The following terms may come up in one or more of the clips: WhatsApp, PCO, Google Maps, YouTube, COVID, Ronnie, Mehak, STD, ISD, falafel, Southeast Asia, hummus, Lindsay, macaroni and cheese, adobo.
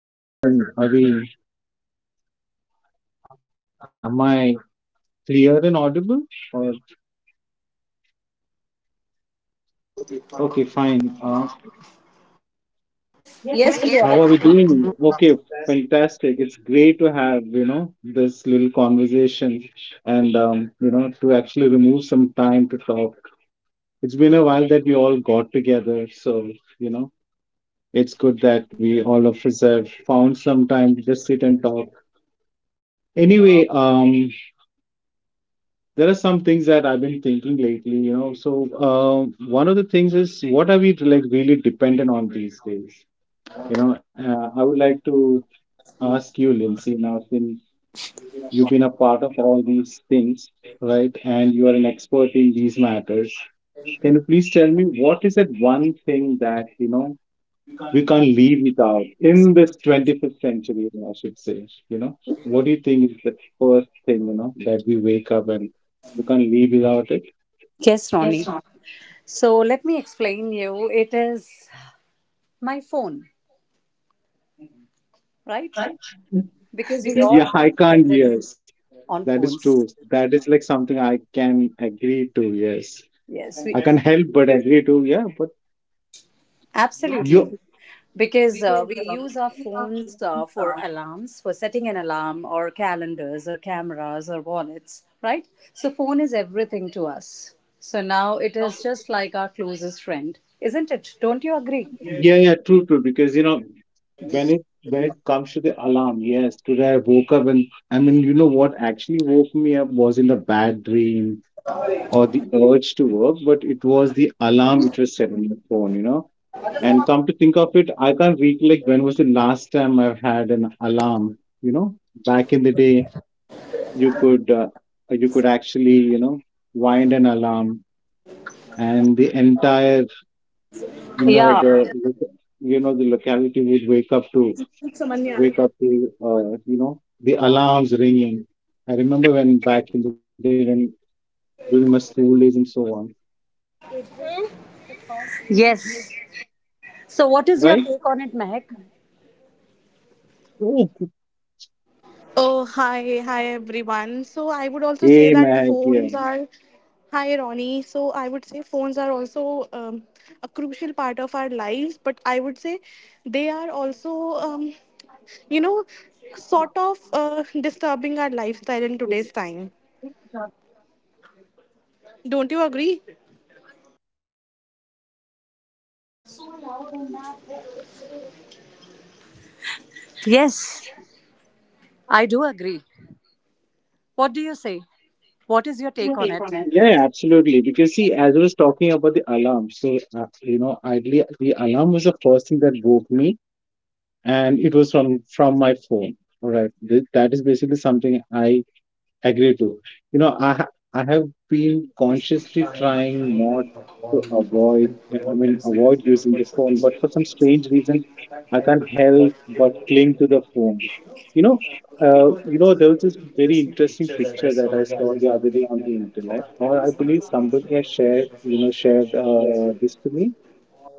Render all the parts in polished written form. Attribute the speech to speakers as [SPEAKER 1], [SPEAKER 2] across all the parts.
[SPEAKER 1] Okay, I can. Are we? Am I clear and audible? Or okay, fine.
[SPEAKER 2] Yes.
[SPEAKER 3] Yes, you
[SPEAKER 1] How Yes, are we
[SPEAKER 3] are.
[SPEAKER 1] doing? Okay, fantastic. It's great to have this little conversation, and to actually remove some time to talk. It's been a while that we all got together, so you know it's good that we all of us have found some time to just sit and talk. Anyway, there are some things that I've been thinking lately. So, one of the things is what are we like really dependent on these days? I would like to ask you, Lindsay, now since you've been a part of all these things, right, and you are an expert in these matters. Can you please tell me what is that one thing that we can't live without in this 21st century, I should say? What do you think is the first thing that we wake up and we can't live without it?
[SPEAKER 3] Yes, Ronnie. So let me explain you. It is my phone, right? Because we all
[SPEAKER 1] Yeah,
[SPEAKER 3] are
[SPEAKER 1] I can't.
[SPEAKER 3] dependent
[SPEAKER 1] Yes,
[SPEAKER 3] on
[SPEAKER 1] that is true.
[SPEAKER 3] phones.
[SPEAKER 1] That is like something I can agree to. Yes,
[SPEAKER 3] Yes,
[SPEAKER 1] I can
[SPEAKER 3] we
[SPEAKER 1] help but agree to. Yeah, but
[SPEAKER 3] absolutely.
[SPEAKER 1] you,
[SPEAKER 3] Because we use our phones for alarms, for setting an alarm, or calendars, or cameras, or wallets, right? So phone is everything to us. So now it is just like our closest friend, isn't it? Don't you agree?
[SPEAKER 1] yeah, yeah, true, true. Because when it when it comes to the alarm, yes, today I woke up, and I mean, what actually woke me up wasn't a bad dream or the urge to work, but it was the alarm which was set on the phone. And come to think of it, I can't recollect when was the last time I've had an alarm. You know, back in the day you could uh, you could actually wind an alarm, and the entire you know
[SPEAKER 3] Yeah.
[SPEAKER 1] the you know the locality would wake up to wake up to uh, you know the alarms ringing. I remember when, back in the day, when, during my school days, and so on.
[SPEAKER 3] Yes. So what is your
[SPEAKER 1] Right.
[SPEAKER 3] take on it, Mehak?
[SPEAKER 1] Hey,
[SPEAKER 2] Oh, hi, hi everyone. So I would also say that phones
[SPEAKER 1] Mac,
[SPEAKER 2] are,
[SPEAKER 1] yeah.
[SPEAKER 2] hi Ronnie. So I would say phones are also a crucial part of our lives, but I would say they are also, you know, sort of disturbing our lifestyle in today's time. Don't you agree?
[SPEAKER 3] Yes, I do agree. What do you say? What is your take on it?
[SPEAKER 1] Yeah, yeah, absolutely. Because see, as I was talking about the alarm, so idly, the alarm was the first thing that woke me, and it was from my phone. All right, that is basically something I agree to. You know, I ha- I have been consciously trying not to avoid. I mean, avoid using the phone, but for some strange reason, I can't help but cling to the phone. You know, there was this very interesting picture that I saw the other day on the internet, or I believe somebody has shared, you know, shared this to me.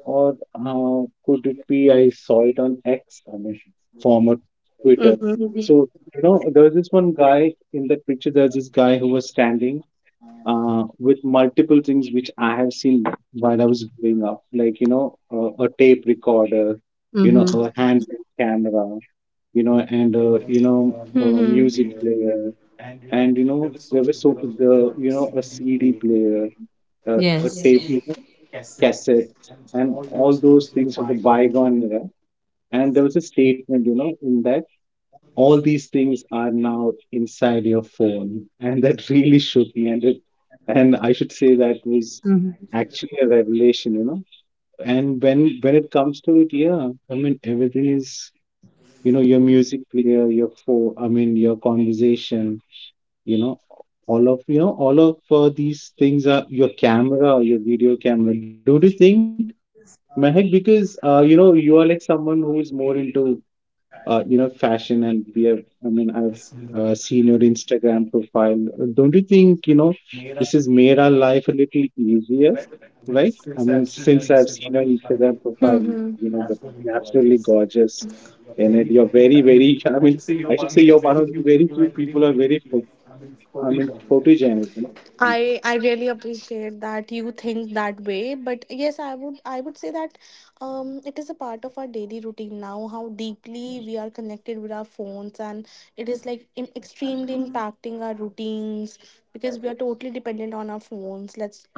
[SPEAKER 1] Or could it be I saw it on X, I mean, former Twitter.
[SPEAKER 3] Mm-hmm.
[SPEAKER 1] So, there was this one guy in that picture. There's this guy who was standing with multiple things which I have seen while I was growing up, like, a tape recorder, a
[SPEAKER 3] Mm-hmm.
[SPEAKER 1] handheld camera, and a
[SPEAKER 2] Mm-hmm.
[SPEAKER 1] music player. And, there was so a CD player, a
[SPEAKER 3] Yes.
[SPEAKER 1] tape cassettes, and all those things of the bygone era. And there was a statement, in that all these things are now inside your phone, and that really shook me. And it, and I should say, that was
[SPEAKER 3] Mm-hmm.
[SPEAKER 1] actually a revelation. And when it comes to it, yeah, I mean everything is, your music player, your phone, I mean your conversation, you know all of these things, are your camera, your video camera. Don't you think, Mehak? Because you are like someone who is more into fashion, and we have, I mean I've seen your Instagram profile. Don't you think, this has made our life a little easier, right? I mean, since I've seen your Instagram profile, you
[SPEAKER 2] Mm-hmm.
[SPEAKER 1] know the you're absolutely gorgeous in it. You're very, very I mean, I should say you're one of the very few people who are very, I mean, photogenic.
[SPEAKER 2] I really appreciate that you think that way, but yes, I would say that it is a part of our daily routine now, how deeply we are connected with our phones, and it is like extremely impacting our routines because we are totally dependent on our phones. Let's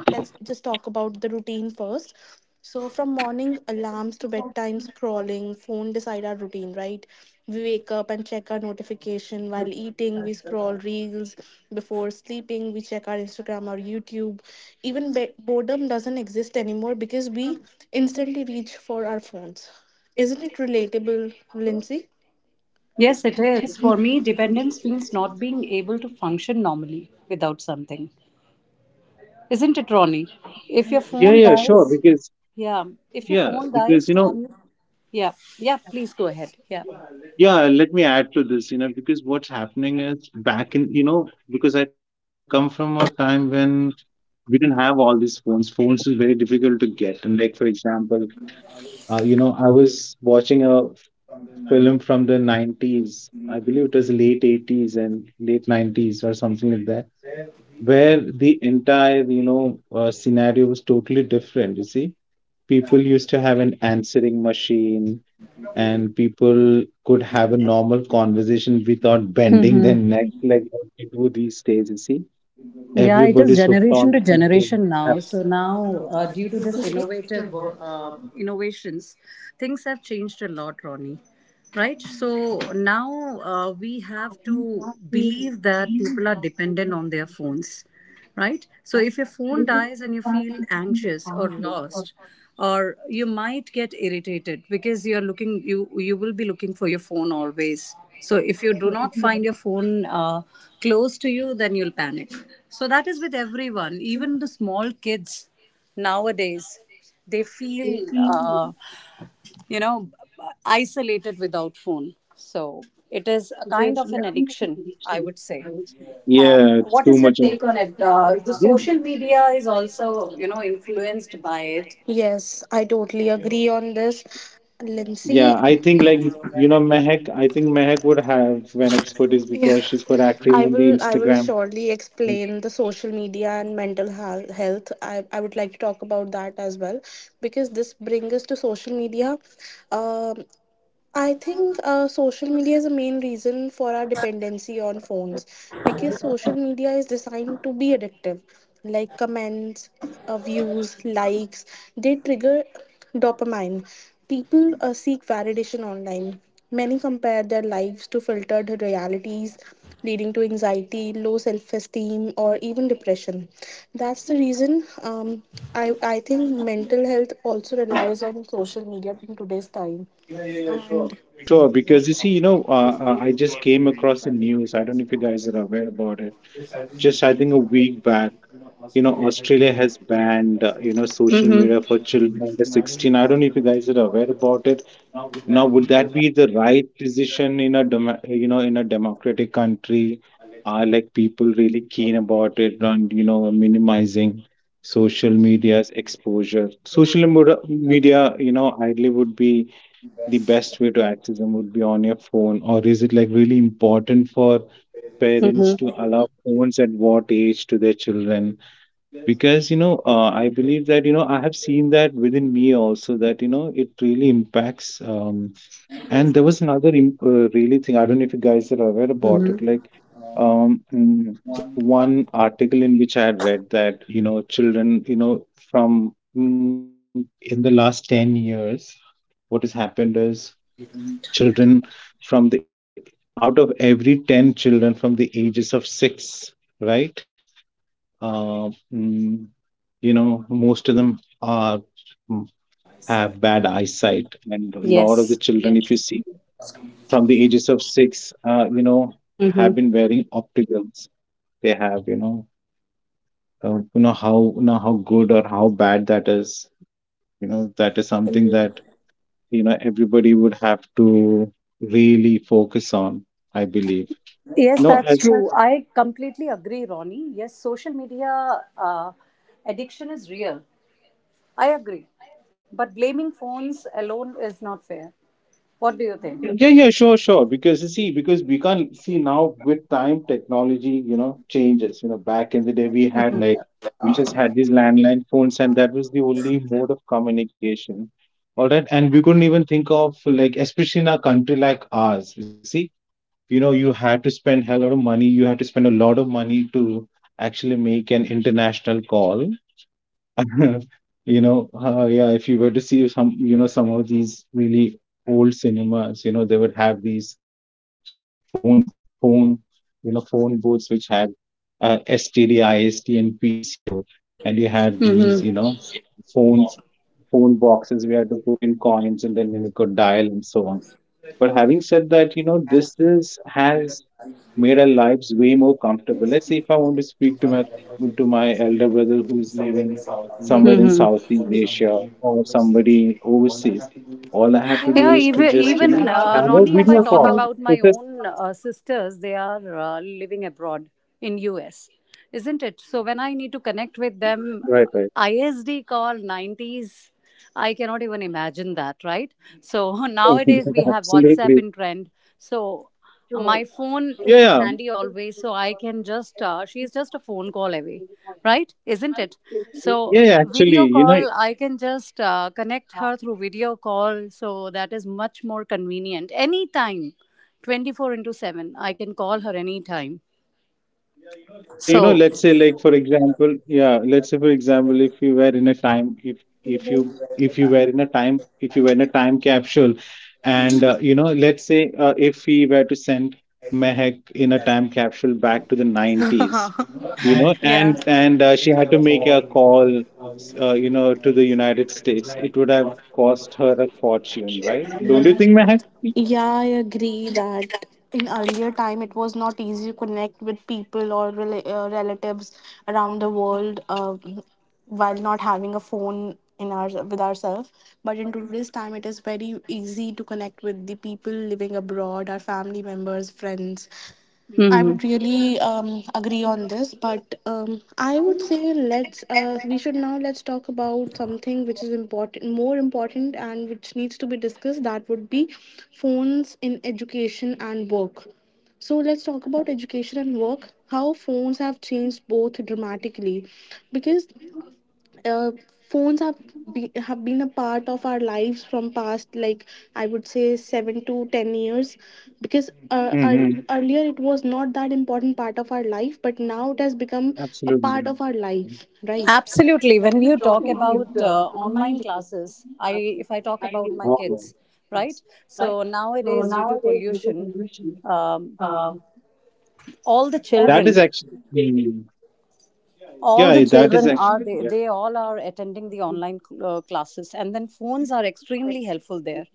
[SPEAKER 2] just talk about the routine first. So, from morning alarms to bedtime scrolling, phone decide our routine, right? We wake up and check our notification while eating, we scroll reels before sleeping, we check our Instagram or YouTube. Even boredom doesn't exist anymore because we instantly reach for our phones. Isn't it relatable, Lindsay?
[SPEAKER 3] Yes, it is. For me, dependence means not being able to function normally without something. Isn't it, Ronnie? If your
[SPEAKER 1] Yeah,
[SPEAKER 3] phone
[SPEAKER 1] yeah, sure.
[SPEAKER 3] dies,
[SPEAKER 1] Because
[SPEAKER 3] yeah. If your
[SPEAKER 1] yeah,
[SPEAKER 3] phone
[SPEAKER 1] because
[SPEAKER 3] dies and yeah, yeah, please go ahead. Yeah.
[SPEAKER 1] yeah. Let me add to this. Because what's happening is, back in, because I come from a time when we didn't have all these phones. Phones is very difficult to get. And like, for example, I was watching a film from the nineties. I believe it was late eighties and late nineties or something like that, where the entire scenario was totally different. You see, people used to have an answering machine, and people could have a normal conversation without bending their neck like what we do these days. You see,
[SPEAKER 3] Yeah, it is
[SPEAKER 1] everybody's hooked on
[SPEAKER 3] generation
[SPEAKER 1] to
[SPEAKER 3] to
[SPEAKER 1] something.
[SPEAKER 3] generation now.
[SPEAKER 1] Abs-
[SPEAKER 3] So now, due to this
[SPEAKER 2] Okay.
[SPEAKER 3] innovations, things have changed a lot, Ronnie. Right? So now we have to believe that people are dependent on their phones, right? So if your phone dies and you feel anxious or lost, or you might get irritated because you will be looking for your phone always. So if you do not find your phone close to you, then you'll panic. So that is with everyone, even the small kids nowadays. They feel you know, isolated without phone. So it is a kind of an addiction, I would say. Um,
[SPEAKER 1] Yeah, it's
[SPEAKER 3] what
[SPEAKER 1] too
[SPEAKER 3] is your
[SPEAKER 2] Your
[SPEAKER 1] much. Of,
[SPEAKER 2] take
[SPEAKER 3] take on
[SPEAKER 2] on
[SPEAKER 3] it?
[SPEAKER 2] it?
[SPEAKER 3] Uh,
[SPEAKER 2] The
[SPEAKER 3] the
[SPEAKER 1] yeah,
[SPEAKER 2] social
[SPEAKER 3] social
[SPEAKER 2] media
[SPEAKER 3] media
[SPEAKER 2] is
[SPEAKER 3] is
[SPEAKER 2] also,
[SPEAKER 3] also, you know, influenced
[SPEAKER 2] influenced by
[SPEAKER 3] by
[SPEAKER 2] it.
[SPEAKER 3] it.
[SPEAKER 2] Yes, I totally agree
[SPEAKER 1] you
[SPEAKER 2] on
[SPEAKER 1] know,
[SPEAKER 2] this, Lindsay.
[SPEAKER 1] yeah, I think, like, Mehak, I think Mehak would have an expertise
[SPEAKER 2] Yeah.
[SPEAKER 1] because she's quite active
[SPEAKER 2] I
[SPEAKER 1] on the
[SPEAKER 2] will I will
[SPEAKER 1] Instagram and so
[SPEAKER 2] surely
[SPEAKER 1] on.
[SPEAKER 2] explain the social media and mental health. I would like to talk about that as well because this brings us to social media. Um, I think social media is a main reason for our dependency on phones because social media is designed to be addictive, like comments, views, likes. They trigger dopamine. People seek validation online. Many compare their lives to filtered realities, leading to anxiety, low self-esteem, or even depression. That's the reason. um, I think mental health also relies on social media in today's time.
[SPEAKER 1] Yeah, yeah, yeah, sure. Because you see, I just came across the news. I don't know if you guys are aware about it. Just, I think a week back, Australia has banned, social
[SPEAKER 3] Mm-hmm.
[SPEAKER 1] media for children under 16. I don't know if you guys are aware about it. Now, would that be the right decision in a, democratic country? Are, like, people really keen about it on, minimizing social media's exposure? Social media, ideally, would be, the best way to access them would be on your phone. Or is it, like, really important for parents to
[SPEAKER 3] Mm-hmm.
[SPEAKER 1] allow phones at what age to their children? Because I believe that I have seen that within me also, that it really impacts. And there was another really thing, I don't know if you guys are aware about it,
[SPEAKER 3] Mm-hmm.
[SPEAKER 1] like one article in which I had read that children, from, in the last 10 years, what has happened is children, from the, out of every 10 children from the ages of 6, right, uh, mm, most of them are, mm, have bad eyesight, and a lot of the
[SPEAKER 3] Yes.
[SPEAKER 1] children, if you see, from the ages of 6, have
[SPEAKER 3] Mm-hmm.
[SPEAKER 1] been wearing opticals. They have, how good or how bad that is. That is something that everybody would have to really focus on, I believe.
[SPEAKER 3] Yes,
[SPEAKER 1] No,
[SPEAKER 3] that's
[SPEAKER 1] as
[SPEAKER 3] true. I completely agree, Ronnie. Yes, social media addiction is real. I agree. But blaming phones alone is not fair. What do you think?
[SPEAKER 1] Yeah, yeah, sure, sure. Because you see, because we can't see, now, with time, technology, changes. Back in the day, we had, we just had these landline phones, and that was the only mode of communication. All right. And we couldn't even think of, like, especially in a country like ours, you see, you had to spend a lot of money. You had to spend a lot of money to actually make an international call. Yeah, if you were to see some, some of these really old cinemas, they would have these phone, phone, phone booths which had STD, ISD, and PCO, and you had these, phone phone boxes. We had to put in coins, and then you could dial and so on. But having said that, this is has made our lives way more comfortable. Let's say if I want to speak to my elder brother who is living somewhere in
[SPEAKER 3] Mm-hmm.
[SPEAKER 1] Southeast Asia or somebody overseas, all I have to do
[SPEAKER 3] Yeah,
[SPEAKER 1] is to
[SPEAKER 3] even
[SPEAKER 1] just
[SPEAKER 3] even uh,
[SPEAKER 1] have a
[SPEAKER 3] Ronnie, if I
[SPEAKER 1] video
[SPEAKER 3] talk
[SPEAKER 1] call.
[SPEAKER 2] And
[SPEAKER 3] about
[SPEAKER 1] It's
[SPEAKER 3] my
[SPEAKER 1] just
[SPEAKER 3] own sisters, they are living abroad in US, isn't it? So when I need to connect with
[SPEAKER 1] Mhm.
[SPEAKER 3] them,
[SPEAKER 1] Right, right.
[SPEAKER 3] ISD call 90s, I cannot even imagine that, right? So nowadays we have WhatsApp
[SPEAKER 1] Absolutely.
[SPEAKER 3] in trend, so. My phone is
[SPEAKER 1] Yeah,
[SPEAKER 3] handy always, so I can just, she's just a phone call away, right, isn't it?
[SPEAKER 1] yeah,
[SPEAKER 3] So
[SPEAKER 1] yeah. Yeah, actually,
[SPEAKER 3] video call, I can just connect her through video call, so that is much more convenient anytime. 24 into 7 I can call her anytime,
[SPEAKER 1] yeah,
[SPEAKER 3] so
[SPEAKER 1] let's say, like, for example, yeah, let's say, for example, if you were in a time, if you were in a time, if you were in a time capsule, and let's say, if we were to send Mehak in a time capsule back to the 90s, and
[SPEAKER 2] yeah.
[SPEAKER 1] and uh, she
[SPEAKER 2] Yeah,
[SPEAKER 1] had to
[SPEAKER 2] I
[SPEAKER 1] make a call, to the United States, it would have cost her a fortune, right? Don't you think, Mehak?
[SPEAKER 2] agree that in earlier time it was not easy to connect with people or relatives around the world while not having a phone in our with ourselves. But in today's time, it is very easy to connect with the people living abroad, our family members, friends. I would
[SPEAKER 3] mhm.
[SPEAKER 2] really agree on this, but I would say let's we should now let's talk about something which is important, more important, and which needs to be discussed. That would be phones in education and work. So let's talk about education and work, how phones have changed both dramatically, because uh, phones have have been a part of our lives from past, like I would say 7 to 10 years, because
[SPEAKER 1] Mm-hmm.
[SPEAKER 2] earlier it was not that important part of our life, but now it has become a part
[SPEAKER 1] Absolutely.
[SPEAKER 2] of our life, right?
[SPEAKER 3] Absolutely. When you talk about
[SPEAKER 2] Yeah,
[SPEAKER 3] online classes, I if I talk
[SPEAKER 1] Wow.
[SPEAKER 3] about my kids, right? So nowadays, due to pollution, um, all the
[SPEAKER 1] That is
[SPEAKER 3] children
[SPEAKER 1] actually.
[SPEAKER 3] all the
[SPEAKER 1] Yeah, that is
[SPEAKER 3] children are,
[SPEAKER 1] actually, yeah.
[SPEAKER 3] they all are attending the online classes, and then phones are extremely helpful there.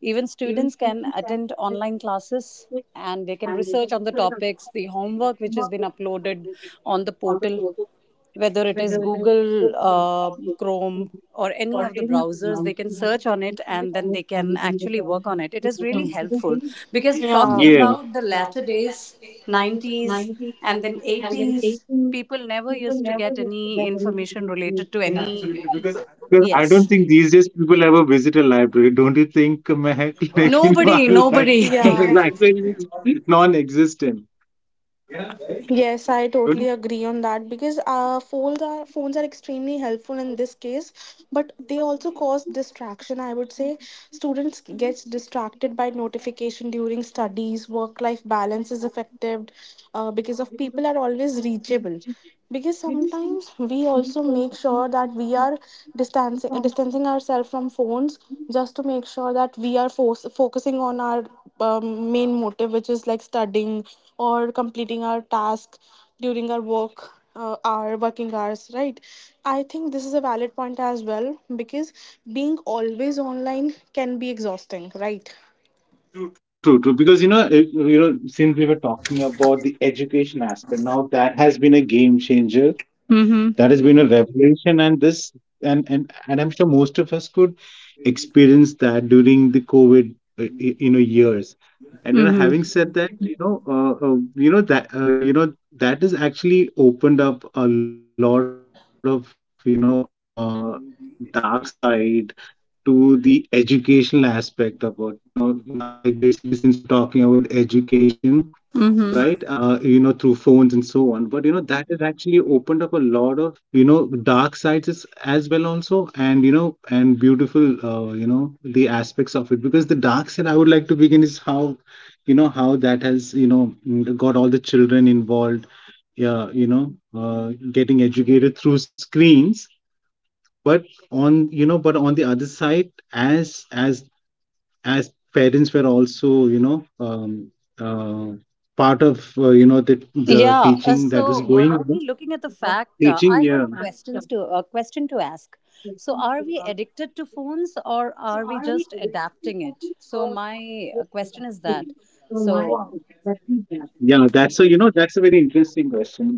[SPEAKER 3] Even students can attend online classes, and they can research on the topics, the homework which has been uploaded on the portal, whether it is Google Chrome or any of the browsers. They can search on it and then they can actually work on it. It is really helpful because talking
[SPEAKER 1] Yeah,
[SPEAKER 3] about the latter days, 90s and then 80s, people never used to get any information related to any.
[SPEAKER 1] because I don't
[SPEAKER 3] Yes,
[SPEAKER 1] think these days people ever visit a library. Don't you think, Mehak? Like, our
[SPEAKER 3] nobody,
[SPEAKER 1] li-
[SPEAKER 3] nobody.
[SPEAKER 1] no,
[SPEAKER 2] yeah.
[SPEAKER 1] library is non-existent.
[SPEAKER 2] Yes, I
[SPEAKER 1] Don't
[SPEAKER 2] totally
[SPEAKER 1] you?
[SPEAKER 2] agree on that because phones are extremely helpful in this case, but they also cause distraction, I would say. Students gets distracted by notification during studies. Work life balance is affected because of people are always reachable. Because sometimes we also make sure that we are distancing ourselves from phones, just to make sure that we are force focusing on our main motive, which is like studying or completing our task during our work, our working hours, right? I think this is a valid point as well, because being always online can be exhausting, right?
[SPEAKER 1] True, true, true. Because since we were talking about the education aspect, now, that has been a game changer.
[SPEAKER 3] Mm-hmm.
[SPEAKER 1] That has been a revolution, and this, and I'm sure most of us could experience that during the COVID, years. And you know,
[SPEAKER 3] Mm-hmm.
[SPEAKER 1] having said that, you know that has actually opened up a lot of dark side to the educational aspect of it. Now, now, like basically, since we're talking about education, right? You know, through phones
[SPEAKER 3] Mm-hmm.
[SPEAKER 1] and so on. But you know, that has actually opened up a lot of dark sides as well also, and you know, and beautiful you know the aspects of it. Because the dark side I would like to begin is how you know how that has got all the children involved. Yeah, you know, getting educated through screens. But on the other side, as parents were also uh, part of you know the
[SPEAKER 3] Yeah, uh,
[SPEAKER 1] teaching that was
[SPEAKER 3] so uh,
[SPEAKER 1] going, yeah, on.
[SPEAKER 3] Ronnie, looking at the fact,
[SPEAKER 1] Teaching,
[SPEAKER 3] I have
[SPEAKER 1] yeah.
[SPEAKER 3] a question to ask. So are we addicted to phones or are we just adapting it? So my question is that so.
[SPEAKER 1] Yeah, that's a you know that's a very interesting question, whether are we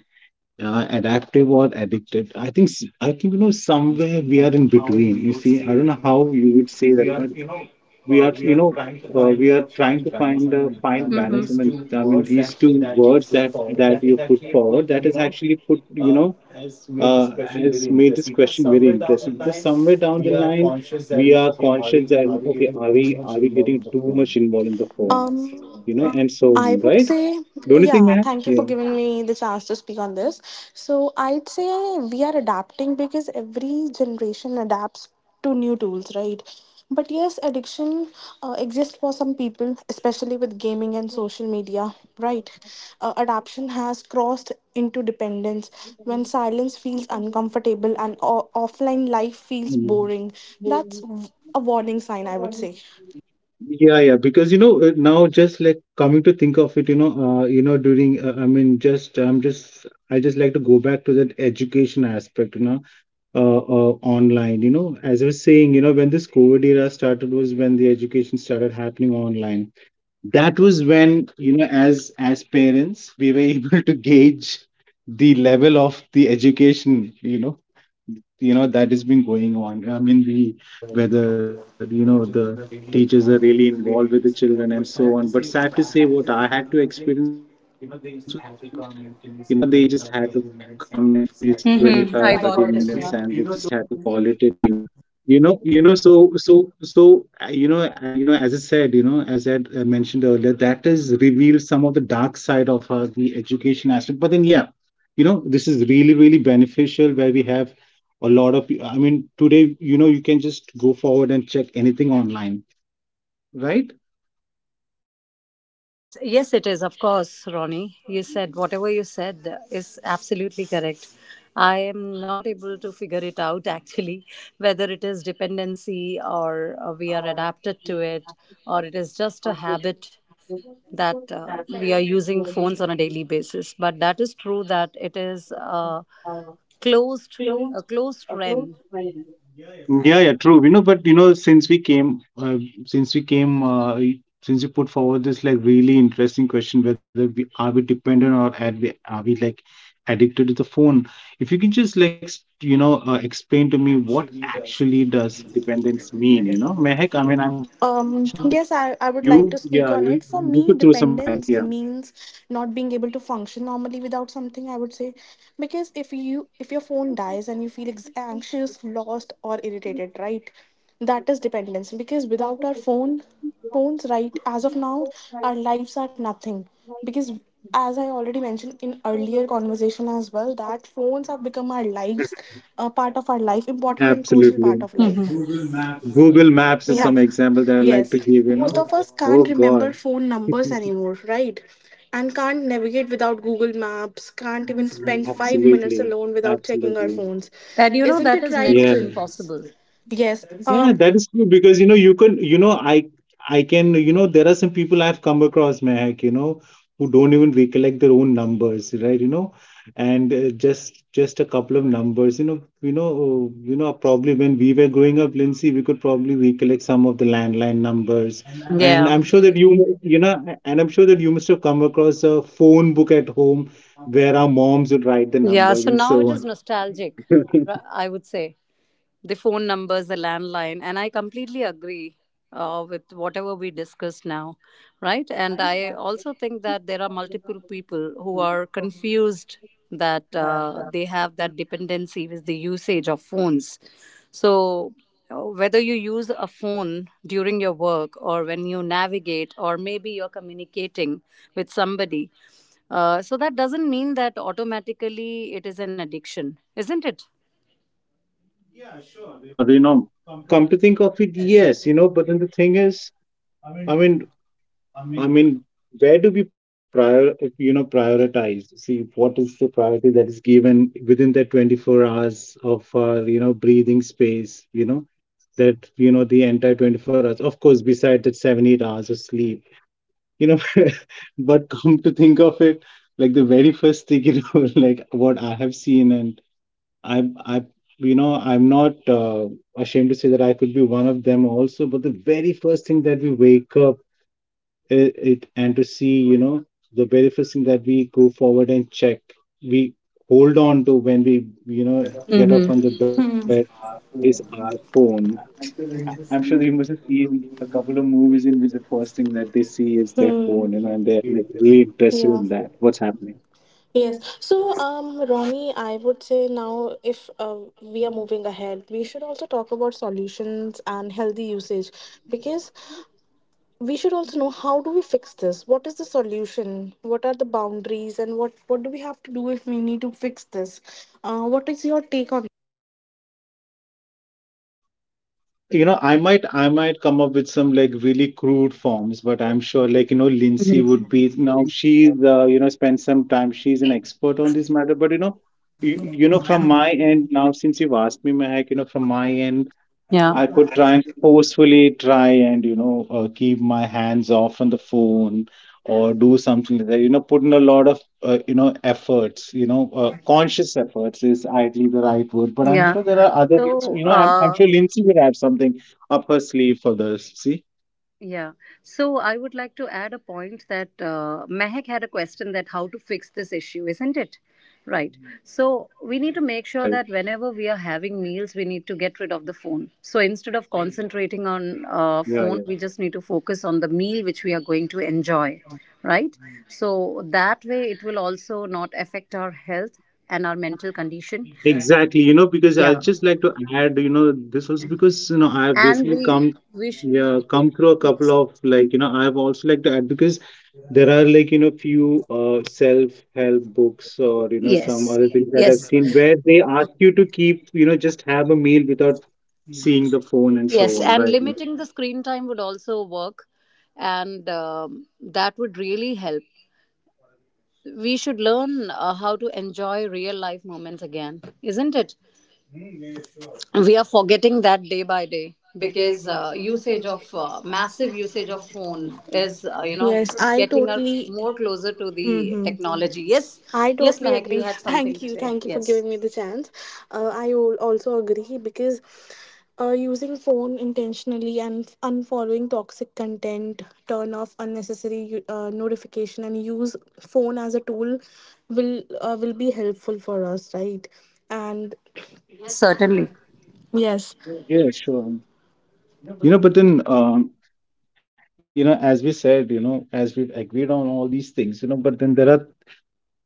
[SPEAKER 1] adaptive or addicted. I think you know somewhere we are in between, you see. I don't know how you would say that, but we are you know we are trying to find a fine
[SPEAKER 3] Mm-hmm.
[SPEAKER 1] balance. I mean these two words that that you put forward, that is actually put you know has made this question very interesting, because somewhere down the line we are conscious that, okay, are we getting too much involved in the phone,
[SPEAKER 2] Um,
[SPEAKER 1] you know, and so
[SPEAKER 2] I
[SPEAKER 1] on,
[SPEAKER 2] would
[SPEAKER 1] right?
[SPEAKER 2] say,
[SPEAKER 1] Don't you think,
[SPEAKER 2] yeah,
[SPEAKER 1] man?
[SPEAKER 2] thank you for
[SPEAKER 1] Yeah.
[SPEAKER 2] giving me the chance to speak on this. So, I'd say we are adapting because every generation adapts to new tools, right? But yes, addiction exists for some people, especially with gaming and social media, right? Adaption has crossed into dependence when silence feels uncomfortable and offline life feels
[SPEAKER 1] Mm.
[SPEAKER 2] boring. That's a warning sign, I would say.
[SPEAKER 1] Yeah, yeah, because you know now just like coming to think of it, you know, you know during I mean just I just like to go back to that education aspect, you know, online, you know, as I was saying, you know, when this COVID era started was when the education started happening online. That was when, you know, as parents we were able to gauge the level of the education, you know, you know that has been going on. I mean, we, whether you know the teachers are really involved with the children and so on. But sad to say, what I had to experience was like, you know, they just had to come and finish their 25, 30 minutes and they just had to
[SPEAKER 3] Mm-hmm,
[SPEAKER 1] call
[SPEAKER 3] I
[SPEAKER 1] it a
[SPEAKER 3] got
[SPEAKER 1] day.
[SPEAKER 3] it. Yeah.
[SPEAKER 1] You know you know so so so you know I, you know, as I said, you know, as I had, mentioned earlier, that has revealed some of the dark side of the education aspect. But then, yeah, you know, this is really really beneficial, where we have a lot of, I mean, today, you know, you can just go forward and check anything online, right?
[SPEAKER 3] Yes, yes, it is, of course, Ronnie. You said whatever you said is absolutely correct. I am not able to figure it out actually, whether it is dependency or we are adapted to it, or it is just a habit that we are using phones on a daily basis. But that is true that it is closed, a closed friend.
[SPEAKER 1] Yeah, yeah, true. You know, but you know, since we came, since you put forward this like really interesting question, whether we are we dependent or are we like addicted to the phone? If you can just you know explain to me what actually does dependence mean? You know, Mehak, I mean, I'm sure that
[SPEAKER 2] Yes,
[SPEAKER 1] you,
[SPEAKER 2] I
[SPEAKER 1] yeah,
[SPEAKER 2] would
[SPEAKER 1] you,
[SPEAKER 2] like to
[SPEAKER 1] you
[SPEAKER 2] speak
[SPEAKER 1] could
[SPEAKER 2] on
[SPEAKER 1] throw
[SPEAKER 2] it.
[SPEAKER 1] some
[SPEAKER 2] For
[SPEAKER 1] light
[SPEAKER 2] me,
[SPEAKER 1] here.
[SPEAKER 2] dependence means not being able to function normally without something, I would say. Because if your phone dies and you feel anxious, lost or irritated, right? That is dependence. Because without our phone, phones, right, as of now, our lives are nothing. Because as I already mentioned in earlier conversation as well, that phones have become our lives, a part of our life, important and
[SPEAKER 1] Absolutely.
[SPEAKER 2] crucial part of life.
[SPEAKER 3] Mhm.
[SPEAKER 1] Google Maps is some
[SPEAKER 2] Yeah,
[SPEAKER 1] example that I like to
[SPEAKER 2] yes.
[SPEAKER 1] give. You know,
[SPEAKER 2] Most of us
[SPEAKER 1] oh
[SPEAKER 2] can't
[SPEAKER 1] God,
[SPEAKER 2] remember phone numbers anymore, right? And can't navigate without Google Maps, can't even spend five
[SPEAKER 1] absolutely,
[SPEAKER 2] minutes alone without checking
[SPEAKER 1] absolutely.
[SPEAKER 2] our phones.
[SPEAKER 3] And you know
[SPEAKER 2] Isn't
[SPEAKER 3] that
[SPEAKER 2] it
[SPEAKER 3] is
[SPEAKER 1] Yeah,
[SPEAKER 2] right?
[SPEAKER 3] next to impossible.
[SPEAKER 2] Yes.
[SPEAKER 1] yeah, that is true, because you know you can, you know, I can, you know, there are some people I've come across, Mehak, you know, who don't even recollect their own numbers, right, you know. And just a couple of numbers, you know, you know, probably when we were growing up, Lindsay, we could probably recollect some of the landline numbers. And
[SPEAKER 3] Yeah.
[SPEAKER 1] I'm sure that you know, and I'm sure that you must have come across a phone book at home, where our moms would write the
[SPEAKER 3] Yeah,
[SPEAKER 1] numbers
[SPEAKER 3] so
[SPEAKER 1] and
[SPEAKER 3] now
[SPEAKER 1] so
[SPEAKER 3] it is
[SPEAKER 1] on.
[SPEAKER 3] nostalgic, I would say. The phone numbers, the landline. And I completely agree with whatever we discussed now, right? And I also think that there are multiple people who are confused that they have that dependency with the usage of phones. So, whether you use a phone during your work or when you navigate, or maybe you're communicating with somebody, so that doesn't mean that automatically it is an addiction, isn't it?
[SPEAKER 1] Yeah, sure. You know, come to think of it, yes, you know, but then the thing is, I mean, I mean, where do we prior, you know, prioritize? See, what is the priority that is given within that 24 hours of our, you know, breathing space, you know, that, you know, the entire 24 hours, of course, beside that 7, 8 hours of sleep, you know, but come to think of it, like the very first thing, you know, like what I have seen and I you know, I'm not ashamed to say that I could be one of them also. But the very first thing that we wake up, it and to see, you know, the very first thing that we go forward and check, we hold on to when we, you know, get up
[SPEAKER 3] Mm-hmm.
[SPEAKER 1] from the bed is our phone. I'm sure they must have seen a couple of movies in which the first thing that they see is their phone, you know, and they're like really interested in
[SPEAKER 2] Yeah.
[SPEAKER 1] that. What's happening?
[SPEAKER 2] Yes. So, Ronnie, I would say now if we are
[SPEAKER 3] Mhm.
[SPEAKER 2] moving ahead, we should also talk about solutions and healthy usage, because we should also know, how do we fix this? What is the solution? What are the boundaries? And what do we have to do if we need to fix this? What is your take on?
[SPEAKER 1] So, you know, I might come up with some like really crude forms, but I'm sure, like, you know, Lindsay would be, now she's you know spent some time, she's an expert on this matter. But you know, you know, from my end, now since you've asked me, Mahak, you know, from my end
[SPEAKER 3] Yeah,
[SPEAKER 1] I could try and forcefully try and you know keep my hands off on the phone or do something like that. You know, put in a lot of you know efforts. You know, conscious efforts is ideally the right word, but I'm
[SPEAKER 3] yeah.
[SPEAKER 1] sure there are other.
[SPEAKER 3] So,
[SPEAKER 1] You know, I'm sure Lindsay would have something up her sleeve for this. See,
[SPEAKER 3] yeah. So, I would like to add a point that Mehak had a question that how to fix this issue, isn't it? Right. So, we need to make
[SPEAKER 1] right,
[SPEAKER 3] sure
[SPEAKER 1] right.
[SPEAKER 3] that whenever we are having meals, we need to get rid of the phone. So, instead of
[SPEAKER 1] Oh, yeah.
[SPEAKER 3] concentrating on
[SPEAKER 1] Yeah,
[SPEAKER 3] phone,
[SPEAKER 1] yeah.
[SPEAKER 3] we just need to focus on the meal which we are going to enjoy, right? So, that way it will also not affect our health and our mental condition.
[SPEAKER 1] Exactly, you know, because I
[SPEAKER 3] Yeah.
[SPEAKER 1] just like to add, you know, this was because you know I've
[SPEAKER 3] And
[SPEAKER 1] basically
[SPEAKER 3] we
[SPEAKER 1] come,
[SPEAKER 3] wish.
[SPEAKER 1] yeah, come through a couple of, like, you know, I've also like to add because there are, like, you know, few self-help books or you know some
[SPEAKER 3] Yes.
[SPEAKER 1] other things that I've
[SPEAKER 3] Yes.
[SPEAKER 1] seen where they ask you to keep you know just have a meal without seeing the phone and so
[SPEAKER 3] Yes.
[SPEAKER 1] on,
[SPEAKER 3] And
[SPEAKER 1] right?
[SPEAKER 3] limiting the screen time would also work. And That would really help. We should learn how to enjoy real life moments again, isn't it? We are forgetting that day by day because
[SPEAKER 2] Because
[SPEAKER 3] usage
[SPEAKER 2] usage of
[SPEAKER 3] of massive
[SPEAKER 2] massive
[SPEAKER 3] usage
[SPEAKER 2] usage
[SPEAKER 3] of
[SPEAKER 2] of phone.
[SPEAKER 3] phone is,
[SPEAKER 2] Yes, I
[SPEAKER 3] getting us
[SPEAKER 2] totally.
[SPEAKER 3] more closer to the
[SPEAKER 2] Mhm.
[SPEAKER 3] technology. Yes.
[SPEAKER 2] I
[SPEAKER 3] Yes,
[SPEAKER 2] totally
[SPEAKER 3] Mehak, you
[SPEAKER 2] agree.
[SPEAKER 3] had something
[SPEAKER 2] Thank
[SPEAKER 3] to
[SPEAKER 2] you.
[SPEAKER 3] say.
[SPEAKER 2] Thank you for
[SPEAKER 3] Yes.
[SPEAKER 2] giving me the chance. I also agree because using phone intentionally and unfollowing toxic content, turn off unnecessary notification, and use phone as a tool will be helpful for us, right? And
[SPEAKER 3] Yes, certainly.
[SPEAKER 2] yes.
[SPEAKER 1] Yeah, sure. You know, but then, you know, as we said, you know, as we've agreed on all these things, you know, but then there are,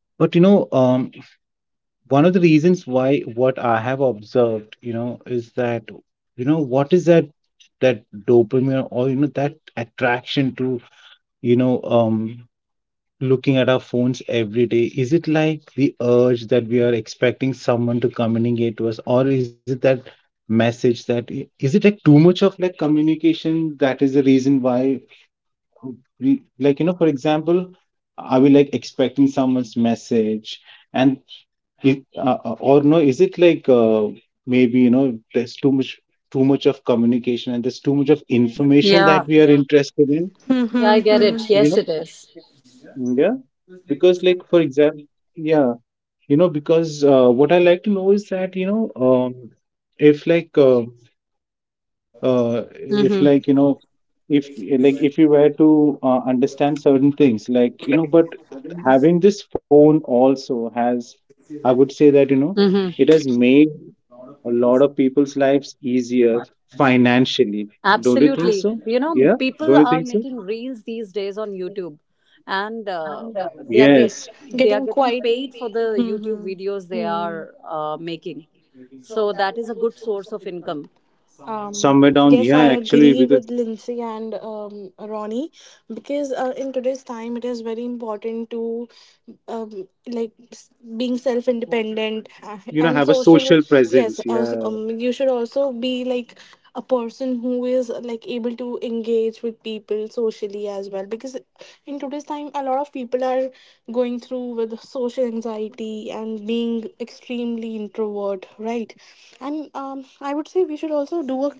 [SPEAKER 1] but you know, one of the reasons why what I have observed, you know, is that you know what is that, that dopamine or you know that attraction to you know looking at our phones every day, is it like the urge that we are expecting someone to communicate to us, or is it that message that, is it like too much of like communication, that is the reason why we like, you know, for example, are we like expecting someone's message? And or no, is it like maybe you know there's too much, too much of communication, and there's too much of information
[SPEAKER 3] Yeah.
[SPEAKER 1] that we are interested in,
[SPEAKER 3] Yeah, I
[SPEAKER 2] Hmm.
[SPEAKER 3] get it.
[SPEAKER 1] you
[SPEAKER 3] Yes,
[SPEAKER 1] know?
[SPEAKER 3] it is.
[SPEAKER 1] Mm. Yeah, because like for example, yeah, you know, because what I like to know is that you know if like uh, uh, if
[SPEAKER 3] Mm-hmm.
[SPEAKER 1] like you know if like if you were to understand certain things like you know, but having this phone also has, I would say that you know it has
[SPEAKER 3] Mm-hmm.
[SPEAKER 1] made a lot of people's lives easier financially, don't you think
[SPEAKER 3] Absolutely.
[SPEAKER 1] so?
[SPEAKER 3] You know,
[SPEAKER 1] Yeah,
[SPEAKER 3] people
[SPEAKER 1] don't you
[SPEAKER 3] are
[SPEAKER 1] think so?
[SPEAKER 3] making reels these days on YouTube, and they are
[SPEAKER 1] Yes,
[SPEAKER 2] Getting
[SPEAKER 3] getting
[SPEAKER 2] quite.
[SPEAKER 3] paid for the YouTube
[SPEAKER 2] Hmm.
[SPEAKER 3] videos they
[SPEAKER 2] Hmm.
[SPEAKER 3] are making. So that is a good source of
[SPEAKER 1] yeah,
[SPEAKER 3] income.
[SPEAKER 2] Um.
[SPEAKER 1] somewhere down,
[SPEAKER 2] Yes,
[SPEAKER 1] yeah,
[SPEAKER 2] I
[SPEAKER 1] actually
[SPEAKER 2] agree
[SPEAKER 1] because
[SPEAKER 2] with Lindsay and Ronnie, because in today's time it is very important to like being self
[SPEAKER 1] you know, have a
[SPEAKER 2] independent
[SPEAKER 1] social
[SPEAKER 2] and
[SPEAKER 1] presence,
[SPEAKER 2] social.
[SPEAKER 1] yeah.
[SPEAKER 2] Yes, you should also be like a person who is like able to engage with people socially as well, because in today's time a lot of people are going through with social anxiety and being extremely introvert, right? And I would say we should also do a,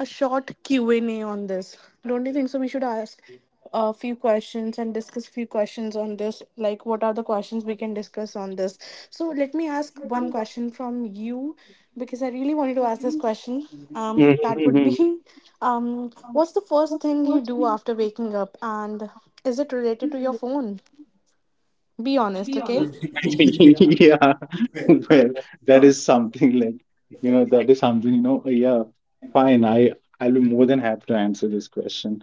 [SPEAKER 2] a short Q&A on this. Don't you think so? We should ask a few questions and discuss few questions on this, like what are the questions we can discuss on this. So let me ask one question from you because I really wanted to ask this question.
[SPEAKER 1] Mhm,
[SPEAKER 2] That
[SPEAKER 1] mhm.
[SPEAKER 2] would be what's the first thing you do after waking up, and is it related to your phone? Be honest, okay?
[SPEAKER 1] yeah. Well, that is something like, you know, that is something, you know, yeah, fine. I'll be more than happy to answer this question.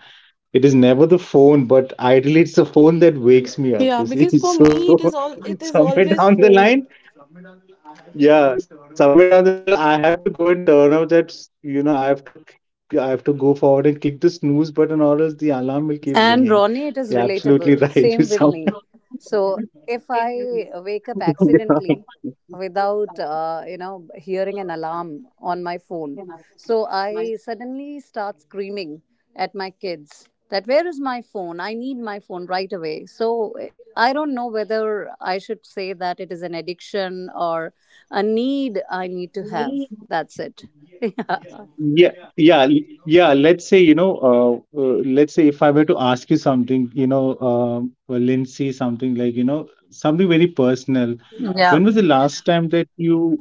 [SPEAKER 1] It is never the phone, but ideally it's the phone that wakes me up,
[SPEAKER 2] Yeah,
[SPEAKER 1] you see.
[SPEAKER 2] because for
[SPEAKER 1] So
[SPEAKER 2] me
[SPEAKER 1] somewhere
[SPEAKER 2] it is
[SPEAKER 1] down the
[SPEAKER 2] always
[SPEAKER 1] line,
[SPEAKER 2] phone.
[SPEAKER 1] yeah, somewhere down the line, I have to go and turn off that, you know, I have to go forward and click the snooze button, or else the alarm will keep ringing. Yeah, absolutely right.
[SPEAKER 3] And
[SPEAKER 1] You sound,
[SPEAKER 3] Ronnie, it is relatable. Same with me. So if
[SPEAKER 1] yeah.
[SPEAKER 3] I wake up accidentally without, hearing an alarm on my phone, so I suddenly start screaming at my kids that where is my phone? I need my phone right away. So I don't know whether I should say that it is an addiction or a need I need to have. That's it. Yeah.
[SPEAKER 1] Yeah, yeah, l- yeah. Let's say, you know, let's say if I were to ask you something, you know, well, Lindsay, something like, you know, something very personal.
[SPEAKER 3] Yeah.
[SPEAKER 1] When was the last time that you,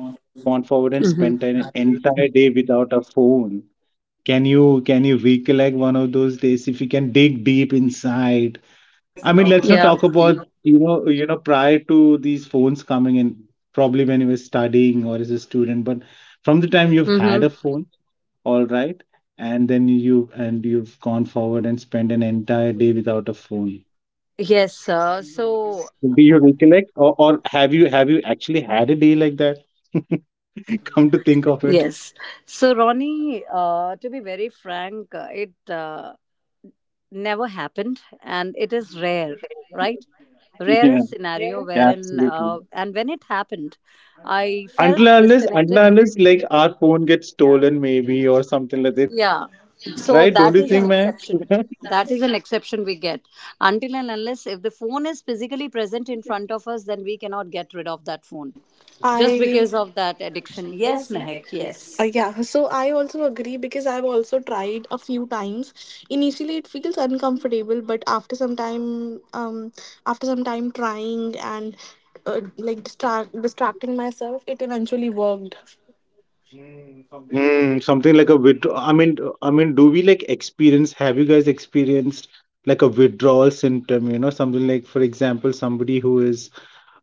[SPEAKER 1] you know, you've gone forward and spent
[SPEAKER 3] Hmm.
[SPEAKER 1] an entire day without a phone? Can you recollect one of those days if you can dig deep inside? I mean, let's not
[SPEAKER 3] Yeah.
[SPEAKER 1] talk about, prior to these phones coming in, probably when you were studying or as a student, but from the time you've had a phone, all right, and then you've gone forward and spent an entire day without a phone.
[SPEAKER 3] Yes,
[SPEAKER 1] Do you recollect, or have you actually had a day like that, come to think of it?
[SPEAKER 3] yes, so Ronnie, to be very frank, it never happened, and it is rare, right?
[SPEAKER 1] Yeah,
[SPEAKER 3] Rarest scenario
[SPEAKER 1] yeah,
[SPEAKER 3] wherein,
[SPEAKER 1] absolutely.
[SPEAKER 3] and when it happened, I
[SPEAKER 1] until
[SPEAKER 3] felt
[SPEAKER 1] and unless until
[SPEAKER 3] disconnected.
[SPEAKER 1] and unless like our phone
[SPEAKER 3] Yeah,
[SPEAKER 1] gets stolen maybe or
[SPEAKER 3] yeah.
[SPEAKER 1] something like that,
[SPEAKER 3] So
[SPEAKER 1] right? Don't
[SPEAKER 3] that
[SPEAKER 1] you
[SPEAKER 3] is
[SPEAKER 1] think,
[SPEAKER 3] an
[SPEAKER 1] man?
[SPEAKER 3] exception. That is an exception we get until and unless if the phone is physically present in front of us, then we cannot get rid of that phone just
[SPEAKER 2] I
[SPEAKER 3] because of that addiction. Yes,
[SPEAKER 2] Yes,
[SPEAKER 3] Mehak.
[SPEAKER 2] yes.
[SPEAKER 3] Yes.
[SPEAKER 2] Yeah, so I also agree because I've also tried a few times. Initially, it feels uncomfortable, but after some time trying and like distracting myself, it eventually worked.
[SPEAKER 1] Hmm, something like a withdraw. I mean, do we like experience? Have you guys experienced like a withdrawal symptom? You know, something like, for example, somebody who is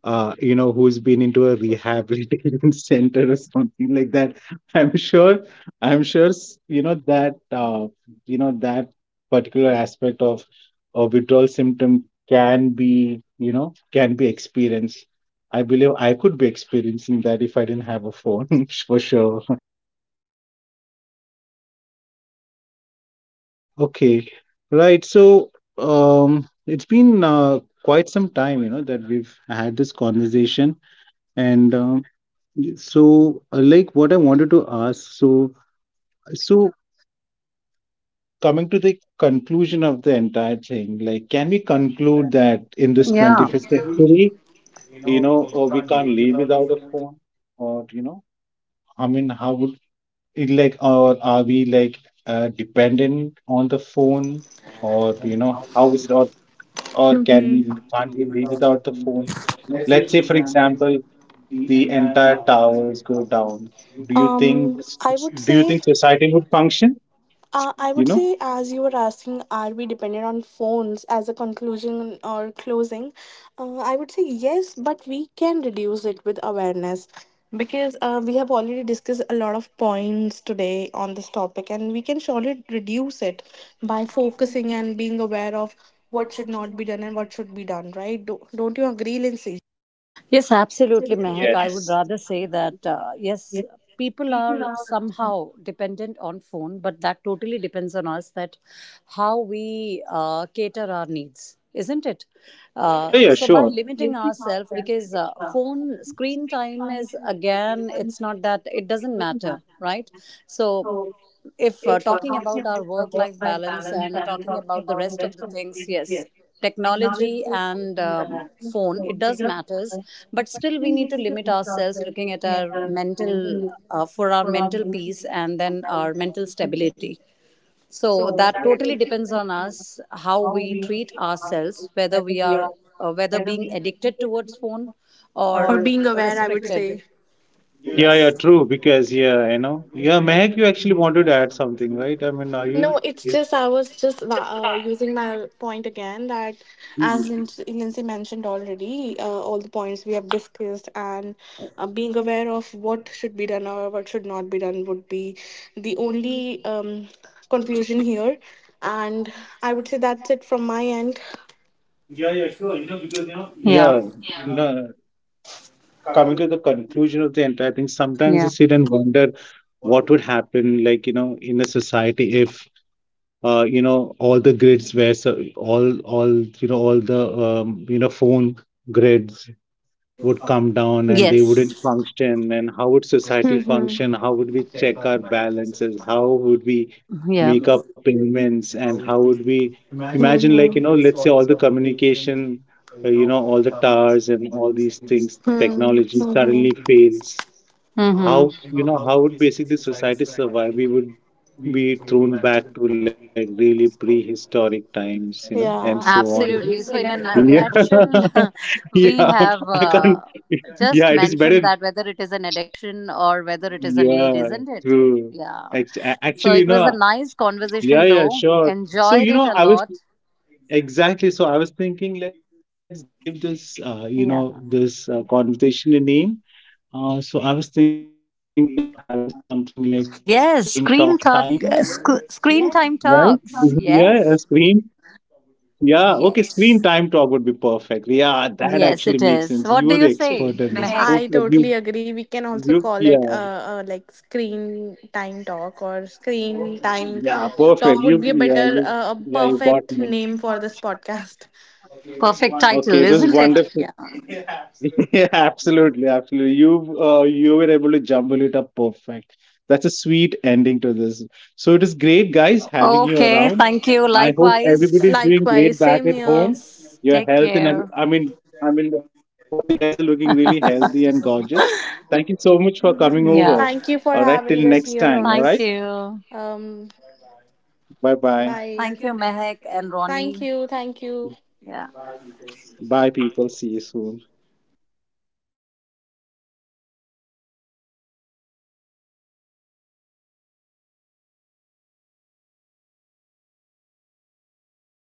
[SPEAKER 1] you know, who's been into a rehabilitation center or something like that. I'm sure, I'm sure, you know, that particular aspect of a withdrawal symptom can be, you know, can be experienced. I believe I could be experiencing that if I didn't have a phone, for sure. Yeah. Okay. Right. So, it's been quite some time, you know, that we've had this conversation. And like what I wanted to ask, so coming to the conclusion of the entire thing, like can we conclude that in this
[SPEAKER 3] Yeah.
[SPEAKER 1] 21st century, we can't live without a phone, or you know, I mean, how would it like, or are we like dependent on the phone, or you know, how is it, or
[SPEAKER 2] Hmm.
[SPEAKER 1] can't we live without the phone? Let's say, for example, the entire towers go down, do you think
[SPEAKER 2] Um, I would
[SPEAKER 1] do you
[SPEAKER 2] say.
[SPEAKER 1] think society would function?
[SPEAKER 2] I
[SPEAKER 1] You
[SPEAKER 2] would
[SPEAKER 1] know?
[SPEAKER 2] say, as you were asking, are we dependent on phones as a conclusion or closing? I would say yes, but we can reduce it with awareness, because we have already discussed a lot of points today on this topic, and we can surely reduce it by focusing and being aware of what should not be done and what should be done, right? Don't you agree, Lindsay?
[SPEAKER 3] Yes,
[SPEAKER 1] Yes.
[SPEAKER 3] absolutely, Mehak. I would rather say that, yes, people are somehow dependent on phone, but that totally depends on us that how we cater our needs, isn't it? Uh,
[SPEAKER 1] Yeah, yeah,
[SPEAKER 3] so by
[SPEAKER 1] sure.
[SPEAKER 3] limiting ourselves, because phone screen time is, again, it's not that, it doesn't matter, right? So if talking about our work life balance and talking about the rest of the things, yes, technology and phone, it does matters, but still we need to limit ourselves, looking at our mental, for our mental peace and then our mental stability. So that totally depends on us how we treat ourselves, whether we are, whether being addicted towards phone or
[SPEAKER 2] Or being aware, I would
[SPEAKER 3] restricted.
[SPEAKER 2] say.
[SPEAKER 1] Yeah, yeah, true. Because yeah, you know, yeah, Mehak, you actually wanted to add something, right? I mean, are
[SPEAKER 2] No,
[SPEAKER 1] you?
[SPEAKER 2] it's
[SPEAKER 1] Yeah.
[SPEAKER 2] just I was just using my point again that
[SPEAKER 1] You
[SPEAKER 2] as Lindsay mentioned already, all the points we have discussed and being aware of what should be done or what should not be done would be the only conclusion here. And I would say that's it from my end.
[SPEAKER 3] Yeah, yeah, sure. You know, because you know,
[SPEAKER 1] know,
[SPEAKER 3] yeah,
[SPEAKER 1] yeah, you know, coming to the conclusion of the entire thing, sometimes I
[SPEAKER 3] yeah,
[SPEAKER 1] sit and wonder what would happen, like you know, in a society if you know, all the grids where, so all you know, all the you know, phone grids would come down and they wouldn't
[SPEAKER 3] yes.
[SPEAKER 1] function, and how would society
[SPEAKER 2] Hmm. Hmm.
[SPEAKER 1] function, how would we check our balances, how would we
[SPEAKER 3] Yeah.
[SPEAKER 1] make our payments, and how would we imagine, like you know, let's say all the communication, you know, all the
[SPEAKER 2] Mm-hmm.
[SPEAKER 1] towers and all these things, technology suddenly fails, how,
[SPEAKER 3] Mm-hmm.
[SPEAKER 1] you know, how would basically society survive? We
[SPEAKER 2] We.
[SPEAKER 1] would be thrown back to like really prehistoric times, you know, and so
[SPEAKER 2] Yeah.
[SPEAKER 1] on.
[SPEAKER 2] Absolutely.
[SPEAKER 3] Absolutely.
[SPEAKER 2] So,
[SPEAKER 3] So, in a
[SPEAKER 2] then, an
[SPEAKER 1] Yeah.
[SPEAKER 2] like
[SPEAKER 3] nutshell, we
[SPEAKER 1] Yeah,
[SPEAKER 3] have
[SPEAKER 1] I can't. Yeah,
[SPEAKER 3] just
[SPEAKER 1] it is
[SPEAKER 3] mentioned
[SPEAKER 1] better.
[SPEAKER 3] that whether it is an addiction or whether it is a
[SPEAKER 1] Yeah,
[SPEAKER 3] need, isn't it?
[SPEAKER 1] true.
[SPEAKER 3] Yeah. So,
[SPEAKER 1] Actually, you
[SPEAKER 3] it was a
[SPEAKER 1] know,
[SPEAKER 3] nice
[SPEAKER 1] yeah,
[SPEAKER 3] conversation,
[SPEAKER 1] yeah,
[SPEAKER 3] though.
[SPEAKER 1] sure. So
[SPEAKER 3] Enjoyed
[SPEAKER 1] you
[SPEAKER 3] it
[SPEAKER 1] know,
[SPEAKER 3] a
[SPEAKER 1] I was,
[SPEAKER 3] lot.
[SPEAKER 1] exactly, so I was thinking, let's give this, you know,
[SPEAKER 3] Yeah.
[SPEAKER 1] this conversation a name. So I was thinking of having something like screen talk
[SPEAKER 3] Yes.
[SPEAKER 1] time.
[SPEAKER 3] Screen talk.
[SPEAKER 1] Right?
[SPEAKER 3] Screen
[SPEAKER 1] Mhm.
[SPEAKER 3] time
[SPEAKER 1] Yeah, a
[SPEAKER 3] talks.
[SPEAKER 1] screen.
[SPEAKER 3] Yes.
[SPEAKER 1] Yeah, okay, screen time talk would be
[SPEAKER 3] Yes.
[SPEAKER 1] perfect. Yeah, that actually makes sense.
[SPEAKER 3] Yes, it
[SPEAKER 1] You're the
[SPEAKER 3] is. What
[SPEAKER 1] expert
[SPEAKER 3] do
[SPEAKER 1] in
[SPEAKER 3] you
[SPEAKER 1] this.
[SPEAKER 2] say,
[SPEAKER 3] say,
[SPEAKER 1] Perfect.
[SPEAKER 3] Mehak?
[SPEAKER 2] I totally agree. We can also call
[SPEAKER 1] Yeah,
[SPEAKER 2] it like screen time talk, or screen time
[SPEAKER 1] yeah, perfect.
[SPEAKER 2] talk would be a
[SPEAKER 1] Yeah, you got
[SPEAKER 2] perfect
[SPEAKER 1] me.
[SPEAKER 2] name for this podcast.
[SPEAKER 3] Perfect title,
[SPEAKER 1] Okay, it was
[SPEAKER 3] isn't it? Yeah.
[SPEAKER 1] wonderful. Yeah, absolutely, absolutely. You you were able to jumble it up perfect. That's a sweet ending to this. So it is great, guys, having you
[SPEAKER 3] Okay,
[SPEAKER 1] around.
[SPEAKER 3] thank you.
[SPEAKER 1] I hope everybody's
[SPEAKER 3] Likewise.
[SPEAKER 1] doing
[SPEAKER 2] Likewise,
[SPEAKER 1] great back
[SPEAKER 2] same
[SPEAKER 1] at
[SPEAKER 2] here.
[SPEAKER 1] home.
[SPEAKER 3] Yes,
[SPEAKER 1] Your
[SPEAKER 3] take
[SPEAKER 1] health and
[SPEAKER 3] care.
[SPEAKER 1] I mean, both the guys are looking really healthy and gorgeous. Thank you so much for coming over.
[SPEAKER 3] Yeah,
[SPEAKER 1] All
[SPEAKER 2] Thank you
[SPEAKER 1] right,
[SPEAKER 2] for
[SPEAKER 1] till next
[SPEAKER 2] having us
[SPEAKER 1] time. All
[SPEAKER 2] here
[SPEAKER 1] right,
[SPEAKER 2] on the.
[SPEAKER 3] thank you.
[SPEAKER 2] Um,
[SPEAKER 1] bye,
[SPEAKER 2] bye. Thank
[SPEAKER 3] Thank you,
[SPEAKER 2] you.
[SPEAKER 3] Mehak and
[SPEAKER 2] Thank
[SPEAKER 3] Ronnie.
[SPEAKER 2] you. Thank you.
[SPEAKER 3] Yeah.
[SPEAKER 1] bye people. See you soon.